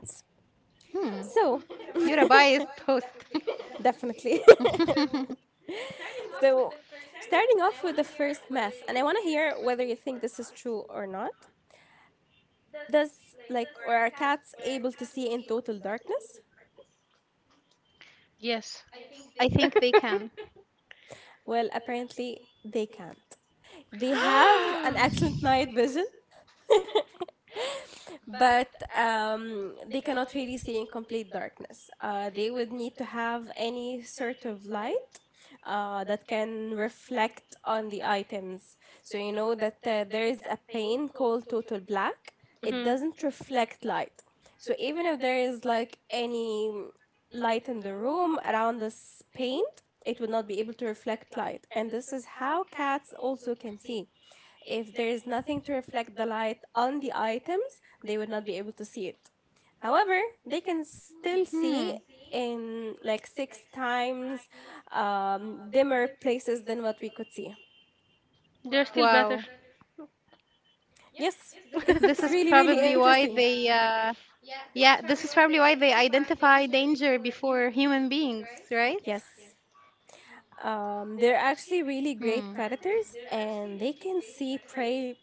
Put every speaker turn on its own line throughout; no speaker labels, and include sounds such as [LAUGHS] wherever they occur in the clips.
You're a biased
So
host. [LAUGHS]
definitely. [LAUGHS] So starting off with the first myth, and I wanna hear whether you think this is true or not. Does like or are cats able to see in total darkness?
Yes.
I think
[GASPS]
they can.
Well, apparently they can't. They have an excellent night vision, but they cannot really see in complete darkness. They would need to have any sort of light that can reflect on the items. So you know that there is a pane called total black, it
Mhm.
doesn't reflect light. So even if there is like any light in the room around this paint, it would not be able to reflect light. And this is how cats also can see. If there is nothing to reflect the light on the items, they would not be able to see it. However, they can
[GASPS]
still
Hmm.
see in like six times dimmer places than what we could see.
[LAUGHS] They're still better.
Wow.
Yes,
This
it's
is
really,
[LAUGHS]
really
probably why
interesting.
this is probably why they identify danger before human beings, right?
Yes.
Hmm.
They're actually really great predators and they can see prey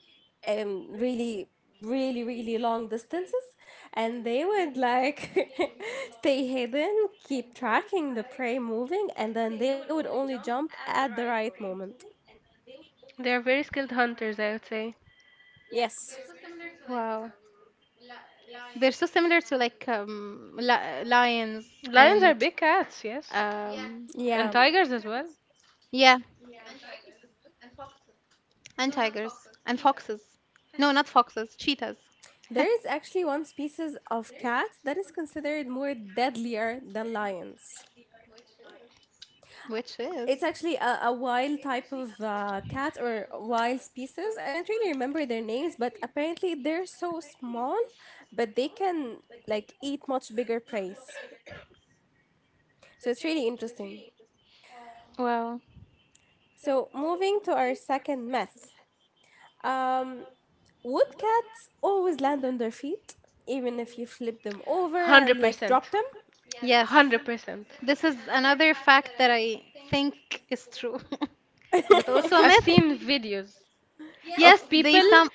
really, really, really long distances. And they would like [LAUGHS] stay hidden, keep tracking the prey moving, and then they would only jump at the right moment.
They're very skilled hunters, I would say.
Yes.
Wow. They're so similar to like li lions and
Lions are big cats, yes.
um,
And
Yeah.
tigers as well.
yeah, and tigers and foxes. No, not foxes, cheetahs,
There is actually one species of cat that is considered more deadlier than lions.
[LAUGHS] which
It's
is
actually a wild type of cat or wild species. I don't really remember their names, but apparently they're so small, but they can like eat much bigger prey. So it's really interesting.
wow.
So moving to our second myth. Um, would cats always land on their feet, even if you flip them over and like
100%.
drop them? [LAUGHS]
Yes,
100%.
this is another fact that I think is true. [LAUGHS] Is it
[LAUGHS]
also
women.
a
I've
myth?
seen videos of
Yes,
people,
they
are
some.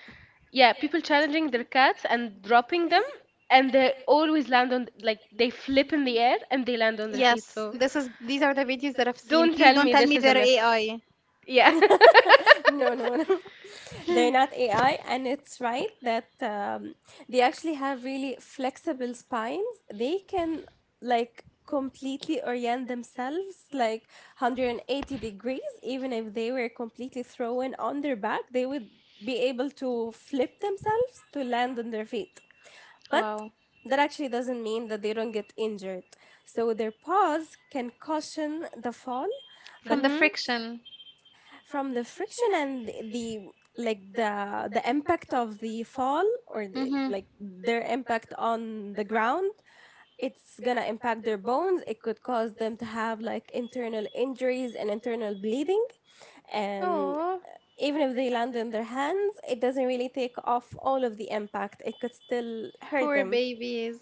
yeah, people challenging their cats and dropping them, and they always land on, like, they flip in the air and they land on their feet.
Yes,
So
this is these are the videos that I've seen.
don't
Please
tell
don't
me
tell
this
me
is a
they're
they myth. [LAUGHS]
AI.
Yeah.
No, no, no. They're
Yeah.
not AI, and it's right that they actually have really flexible spines. They can like completely orient themselves like 180 degrees, even if they were completely thrown on their back, they would be able to flip themselves to land on their feet. But
Wow.
that actually doesn't mean that they don't get injured. So their paws can cushion the fall,
[LAUGHS]
but
From the
Hmm.
friction.
from the friction and the like the impact of the fall or the
Mm-hmm.
like their impact on the ground, it's gonna impact their bones. It could cause them to have like internal injuries and internal bleeding. And
Oh.
even if they land in their hands, it doesn't really take off all of the impact. It could still hurt
Poor
them.
babies.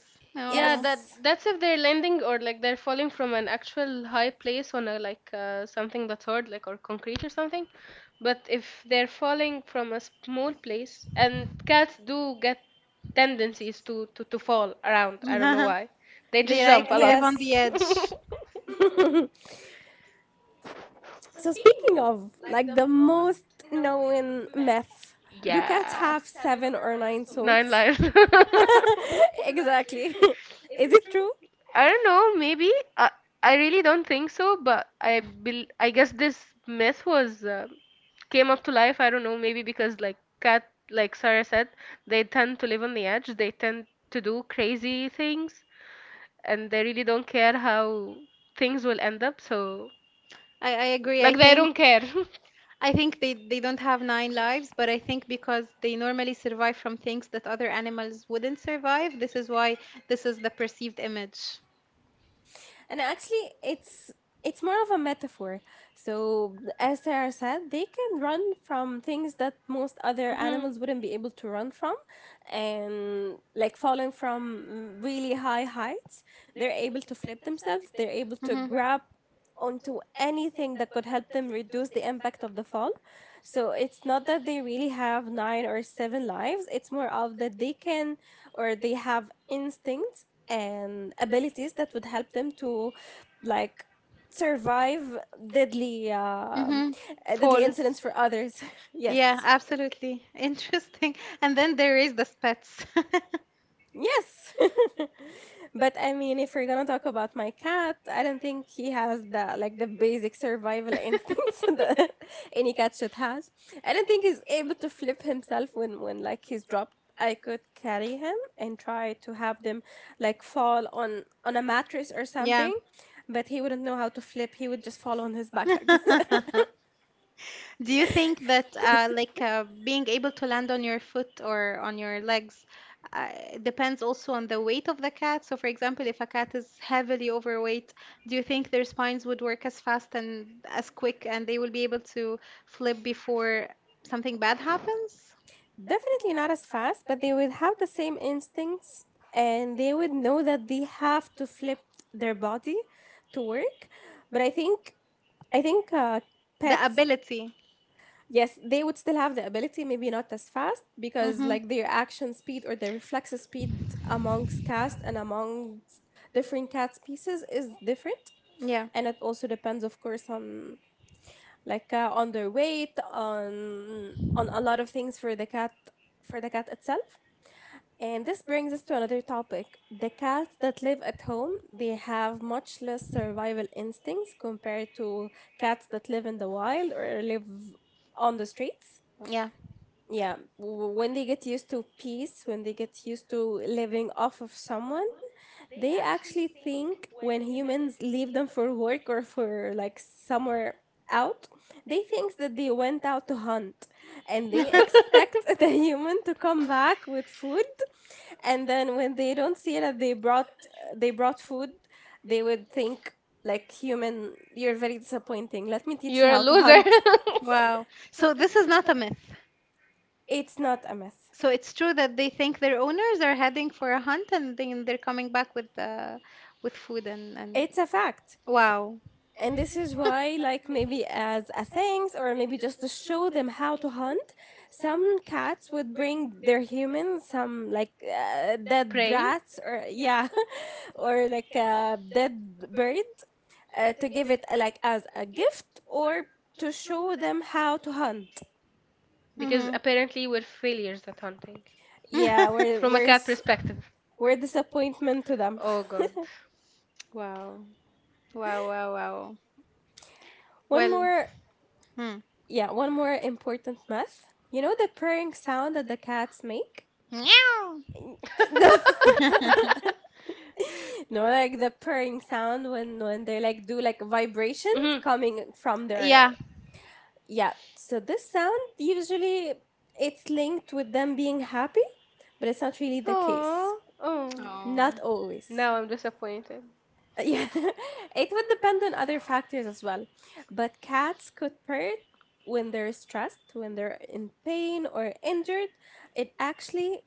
Yeah,
No.
that
Yes.
that's if they're landing or like they're falling from an actual high place on a like something that's hard, like or concrete or something. But if they're falling from a small place, and cats do get tendencies to fall around. I don't know
[LAUGHS]
why. They
They
just jump
like
a
to live
lot.
on
Yes.
the edge.
[LAUGHS]
So speaking of like the most known myth,
[LAUGHS]
do cats
Yeah.
have seven or nine
Nine
souls?
lives. [LAUGHS]
[LAUGHS] Exactly. [LAUGHS] Is it true?
I don't know. I really don't think so, but I guess this myth was came up to life. I don't know. Maybe because like cat, like Sarah said, they tend to live on the edge. They tend to do crazy things, and they really don't care how things will end up. So
I agree. I
like they
think
don't care. [LAUGHS]
I think they don't have nine lives, but I think because they normally survive from things that other animals wouldn't survive, this is the perceived image.
And actually it's more of a metaphor. So as Sarah said, they can run from things that most other
Mhm.
animals wouldn't be able to run from, and like falling from really high heights, they're able to flip themselves, they're able to
Mhm.
grab onto anything that could help them reduce the impact of the fall. So it's not that they really have nine or seven lives, it's more of that they can or they have instincts and abilities that would help them to like survive deadly
Mm-hmm.
deadly incidents
Falls.
for others. [LAUGHS]
Yeah,
Yes.
absolutely. [LAUGHS] Interesting. And then there is the Spets. [LAUGHS]
Yes. [LAUGHS] But I mean, if we're gonna talk about my cat, I
[LAUGHS]
don't think he has the like the basic survival instincts [LAUGHS] that any cat should have. I don't think he's able to flip himself when like he's dropped. I could carry him and try to have them like fall on a mattress or
Yeah.
something, but he wouldn't know how to flip. He would just fall
[LAUGHS]
on his back
Do
like that. [LAUGHS]
you think that being able to land on your foot or on your legs uh, depends also on the weight of the cat? So, for example, if a cat is heavily overweight, do you think their spines would work as fast and as quick, and they will be able to flip before something bad happens?
Definitely not as fast, but they would have the same instincts and they would know that they have to flip their body to work. But I think
The
pets,
ability.
yes, they would still have the ability, maybe not as fast, because
Mm-hmm.
like their action speed or their reflex speed amongst cats and amongst different cat species is different,
Yeah,
and it also depends, of course, on like on their weight, on a lot of things for the cat itself. And this brings us to another topic. The cats that live at home, they have much less survival instincts compared to cats that live in the wild or live on the streets.
yeah.
Yeah, when they get used to peace, when they get used to living off of someone, they actually think when humans leave them for work or for like somewhere out, they think that they went out to hunt, and they
[LAUGHS]
expect [LAUGHS] the human to come back with food. And then when they don't see that they brought food, they would think like, human, you're very disappointing, let me teach you
are a
how to
loser.
hunt.
[LAUGHS]
Wow. So this is not a myth.
[LAUGHS] It's not a myth,
So it's true that they think their owners are heading for a hunt and then they're coming back with food and
it's a fact.
wow.
And this is why, like maybe as a thanks or maybe just to show them how to hunt, some cats would bring their humans some like dead
Prey?
rats or yeah, [LAUGHS] or like
[LAUGHS]
a dead bird to give it like as a gift or to show them how to hunt.
Because
Mm-hmm.
apparently we're failures at hunting.
Yeah,
[LAUGHS]
we're
From a
we're
cat
s-
perspective.
we're disappointment to them.
Oh god.
Wow. Wow, wow, wow.
[LAUGHS] One
Well,
more,
hmm.
yeah, one more important myth. You know the purring sound that the cats make?
Meow.
[LAUGHS]
[LAUGHS] No,
No.
[LAUGHS]
no, like the purring sound when they like do like vibrations coming from
Yeah.
their, yeah. So this sound usually it's linked with them being happy, but it's not really the case.
Oh.
Oh.
Not always.
Now
[LAUGHS]
I'm disappointed.
Yeah. It would depend on other factors as well. But cats could purr when they're stressed, when they're in pain or injured. It actually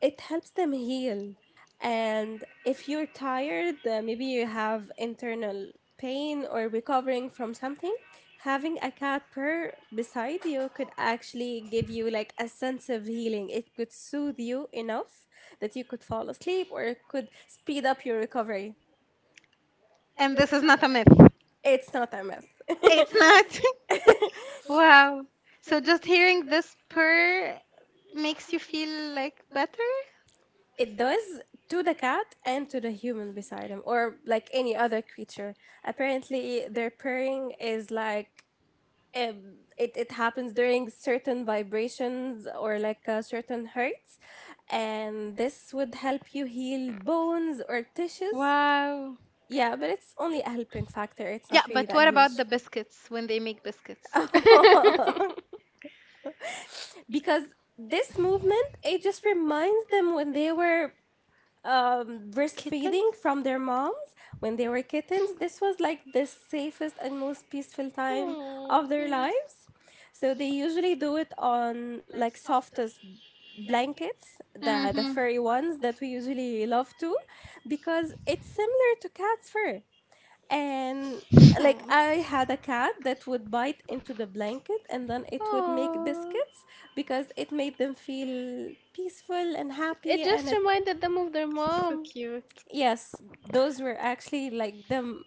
it helps them heal. And if you're tired, maybe you have internal pain or recovering from something, having a cat purr beside you could actually give you like a sense of healing. It could soothe you enough that you could fall asleep or it could speed up your recovery.
And this is not a myth.
It's not a myth. [LAUGHS]
It's not. [LAUGHS] Wow. So just hearing this purr makes you feel like better?
It does, to the cat and to the human beside him or like any other creature. Apparently their purring is like it happens during certain vibrations or like certain hertz, and this would help you heal bones or tissues.
Wow.
Yeah, but it's only a helping factor, it's
Yeah,
not really
but
that
what about
huge.
the biscuits when they make biscuits?
[LAUGHS]
[LAUGHS] Because this movement it just reminds them when they were
Kittens?
breastfeeding from their moms when they were kittens. This was like the safest and most peaceful time
Oh.
of their lives. So they usually do it on like softest blankets, the
Mm-hmm.
furry ones that we usually love to, because it's similar to cat's fur. And
[LAUGHS] Hmm.
like I had a cat that would bite into the blanket and then it would make
Aw.
biscuits because it made them feel peaceful and happy. And it,
Them of their
So
mom.
cute.
yes, those were actually like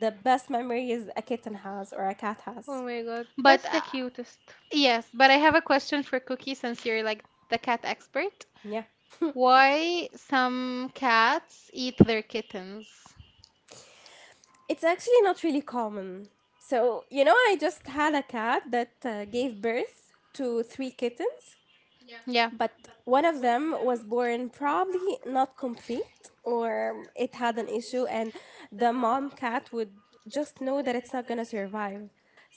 the best memories a kitten has or a cat has.
My god,
But
but the cutest.
yes, but I have a question for Cookie since you're like the cat expert.
Yeah,
Why some cats eat their kittens?
it's actually not really common. So you know, I just had a cat that gave birth to three kittens.
Yeah,
But one of them was born probably not complete or it had an issue, and the mom cat would just know that it's not gonna survive.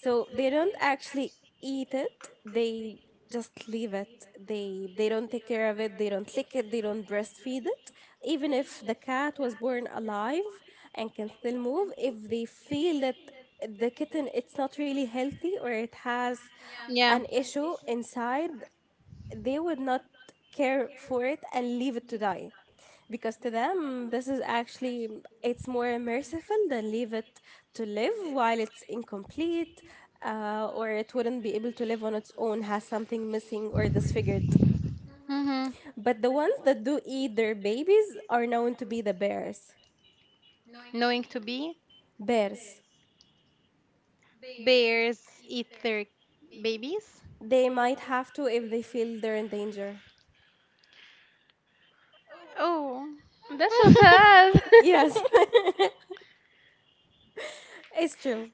So they don't actually eat it, they just leave it, they don't take care of it, they don't lick it, they don't breastfeed it. Even if the cat was born alive and can still move, if they feel that the kitten it's not really healthy or it has
yeah.
an issue inside, they would not care for it and leave it to die, because to them this is actually it's more merciful than leave it to live while it's incomplete, or it wouldn't be able to live on its own, has something missing or disfigured.
Mm-hmm.
But the ones that do eat their babies are known to be the bears,
Knowing to be,
bears,
bears eat their babies.
they might have to if they feel they're in danger.
Oh.
That's so
[LAUGHS]
sad.
Yes,
[LAUGHS]
[LAUGHS] it's true.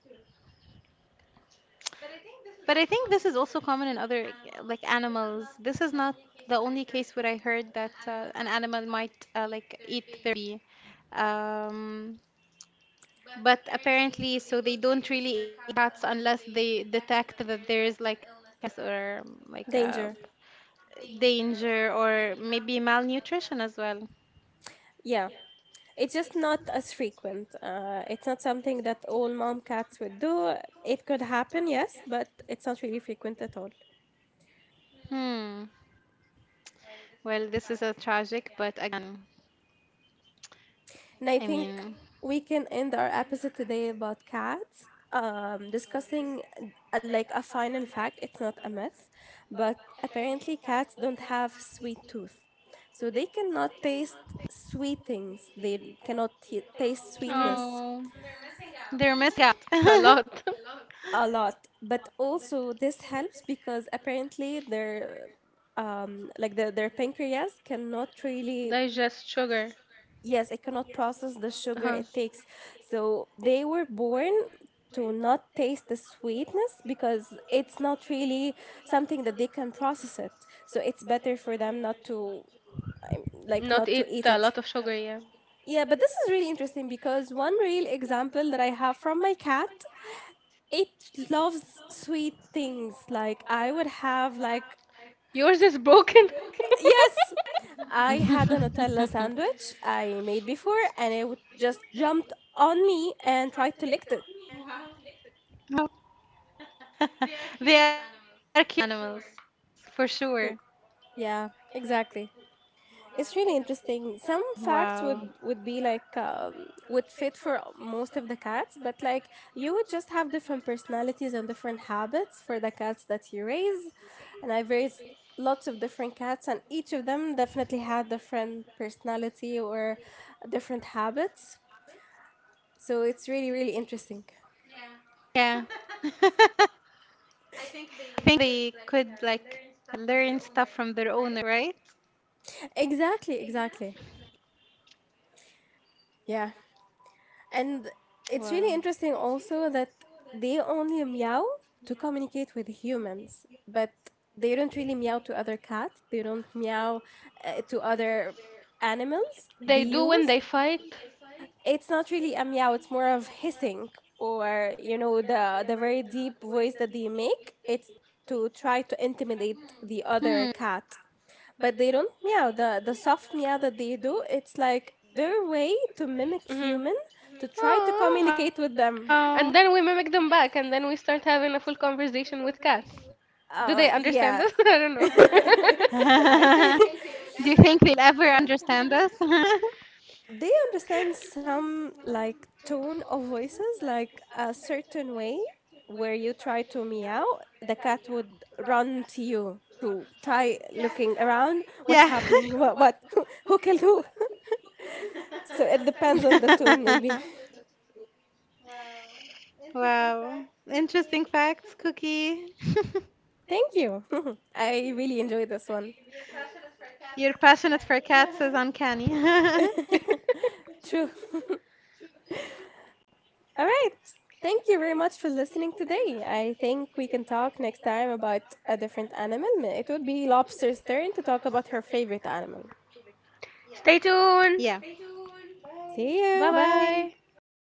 But I think this is also common in other like animals. This is not the only case where I heard that an animal might eat their baby. Um, but apparently, so they don't really eat cats unless they detect that there is like illness or
Danger,
danger or maybe malnutrition as well.
yeah. It's just not as frequent. It's not something that all mom cats would do. It could happen, yes, but it's not really frequent at all.
Hmm. Well, this is a tragic, but again,
And I
I
think
mean,
we can end our episode today about cats, discussing like a final fact. It's not a myth, but apparently cats don't have sweet tooth, so they cannot taste sweet things. They cannot taste
Hmm.
sweetness.
oh, they're missing out.
A lot.
A lot, but also this helps because apparently their like their pancreas cannot
[LAUGHS]
really,
Digest sugar.
yes, it cannot process the sugar
Uh-huh.
it takes. So they were born to not taste the sweetness because it's not really something that they can process it, so it's better for them not to, like
Not
not to
eat
eat
a
it.
lot of sugar, yeah.
Yeah, but this is really interesting because one real example that I have from my cat, it loves sweet things. Like I would have like,
Yours is broken. [LAUGHS]
yes, I had a Nutella sandwich
[LAUGHS]
I made before, and it would just jumped on me and tried to lick it.
They are cute animals, for sure.
Y- Yeah, exactly. It's really interesting. Some
Wow.
facts would be like would fit for most of the cats, but like you would just have different personalities and different habits for the cats that you raise. And I've raised lots of different cats, and each of them definitely had different personality or different habits. So it's really really interesting.
Yeah. [LAUGHS] I think they could like learn stuff from their owner, right?
Exactly, exactly. Yeah. And it's really
Wow.
interesting also that they only meow to communicate with humans, but they don't really meow to other cats. They don't meow to other animals. They
They do when
use,
they fight.
it's not really a meow, it's more of hissing or you know the very deep voice that they make, it's to try to intimidate the other
Hmm.
cat. But they don't meow the soft meow that they do, it's like their way to mimic
Hmm.
human to try to communicate with them.
And
Oh.
then we mimic them back, and then we start having a full conversation with cats. Do
Uh,
they understand
yeah.
us? [LAUGHS] I don't know.
[LAUGHS]
[LAUGHS]
I think
Do you think they will ever understand us? [LAUGHS]
they understand some like tone of voices like a certain way where you try to meow, the cat would run to you to try looking around what's
Yeah.
happening, what [LAUGHS] who killed who. [LAUGHS] So it depends on the tone maybe.
[LAUGHS] Wow. Interesting facts, Cookie. [LAUGHS]
[LAUGHS] Thank you. [LAUGHS] I really enjoyed this one.
Your passionate for cats is uncanny. [LAUGHS]
[LAUGHS]
True. All right, thank you very much for listening today. I think we can talk next time about a different animal. It would be lobster's turn to talk about her favorite animal.
Stay tuned.
Yeah.
See
Bye
you.
bye.
Bye.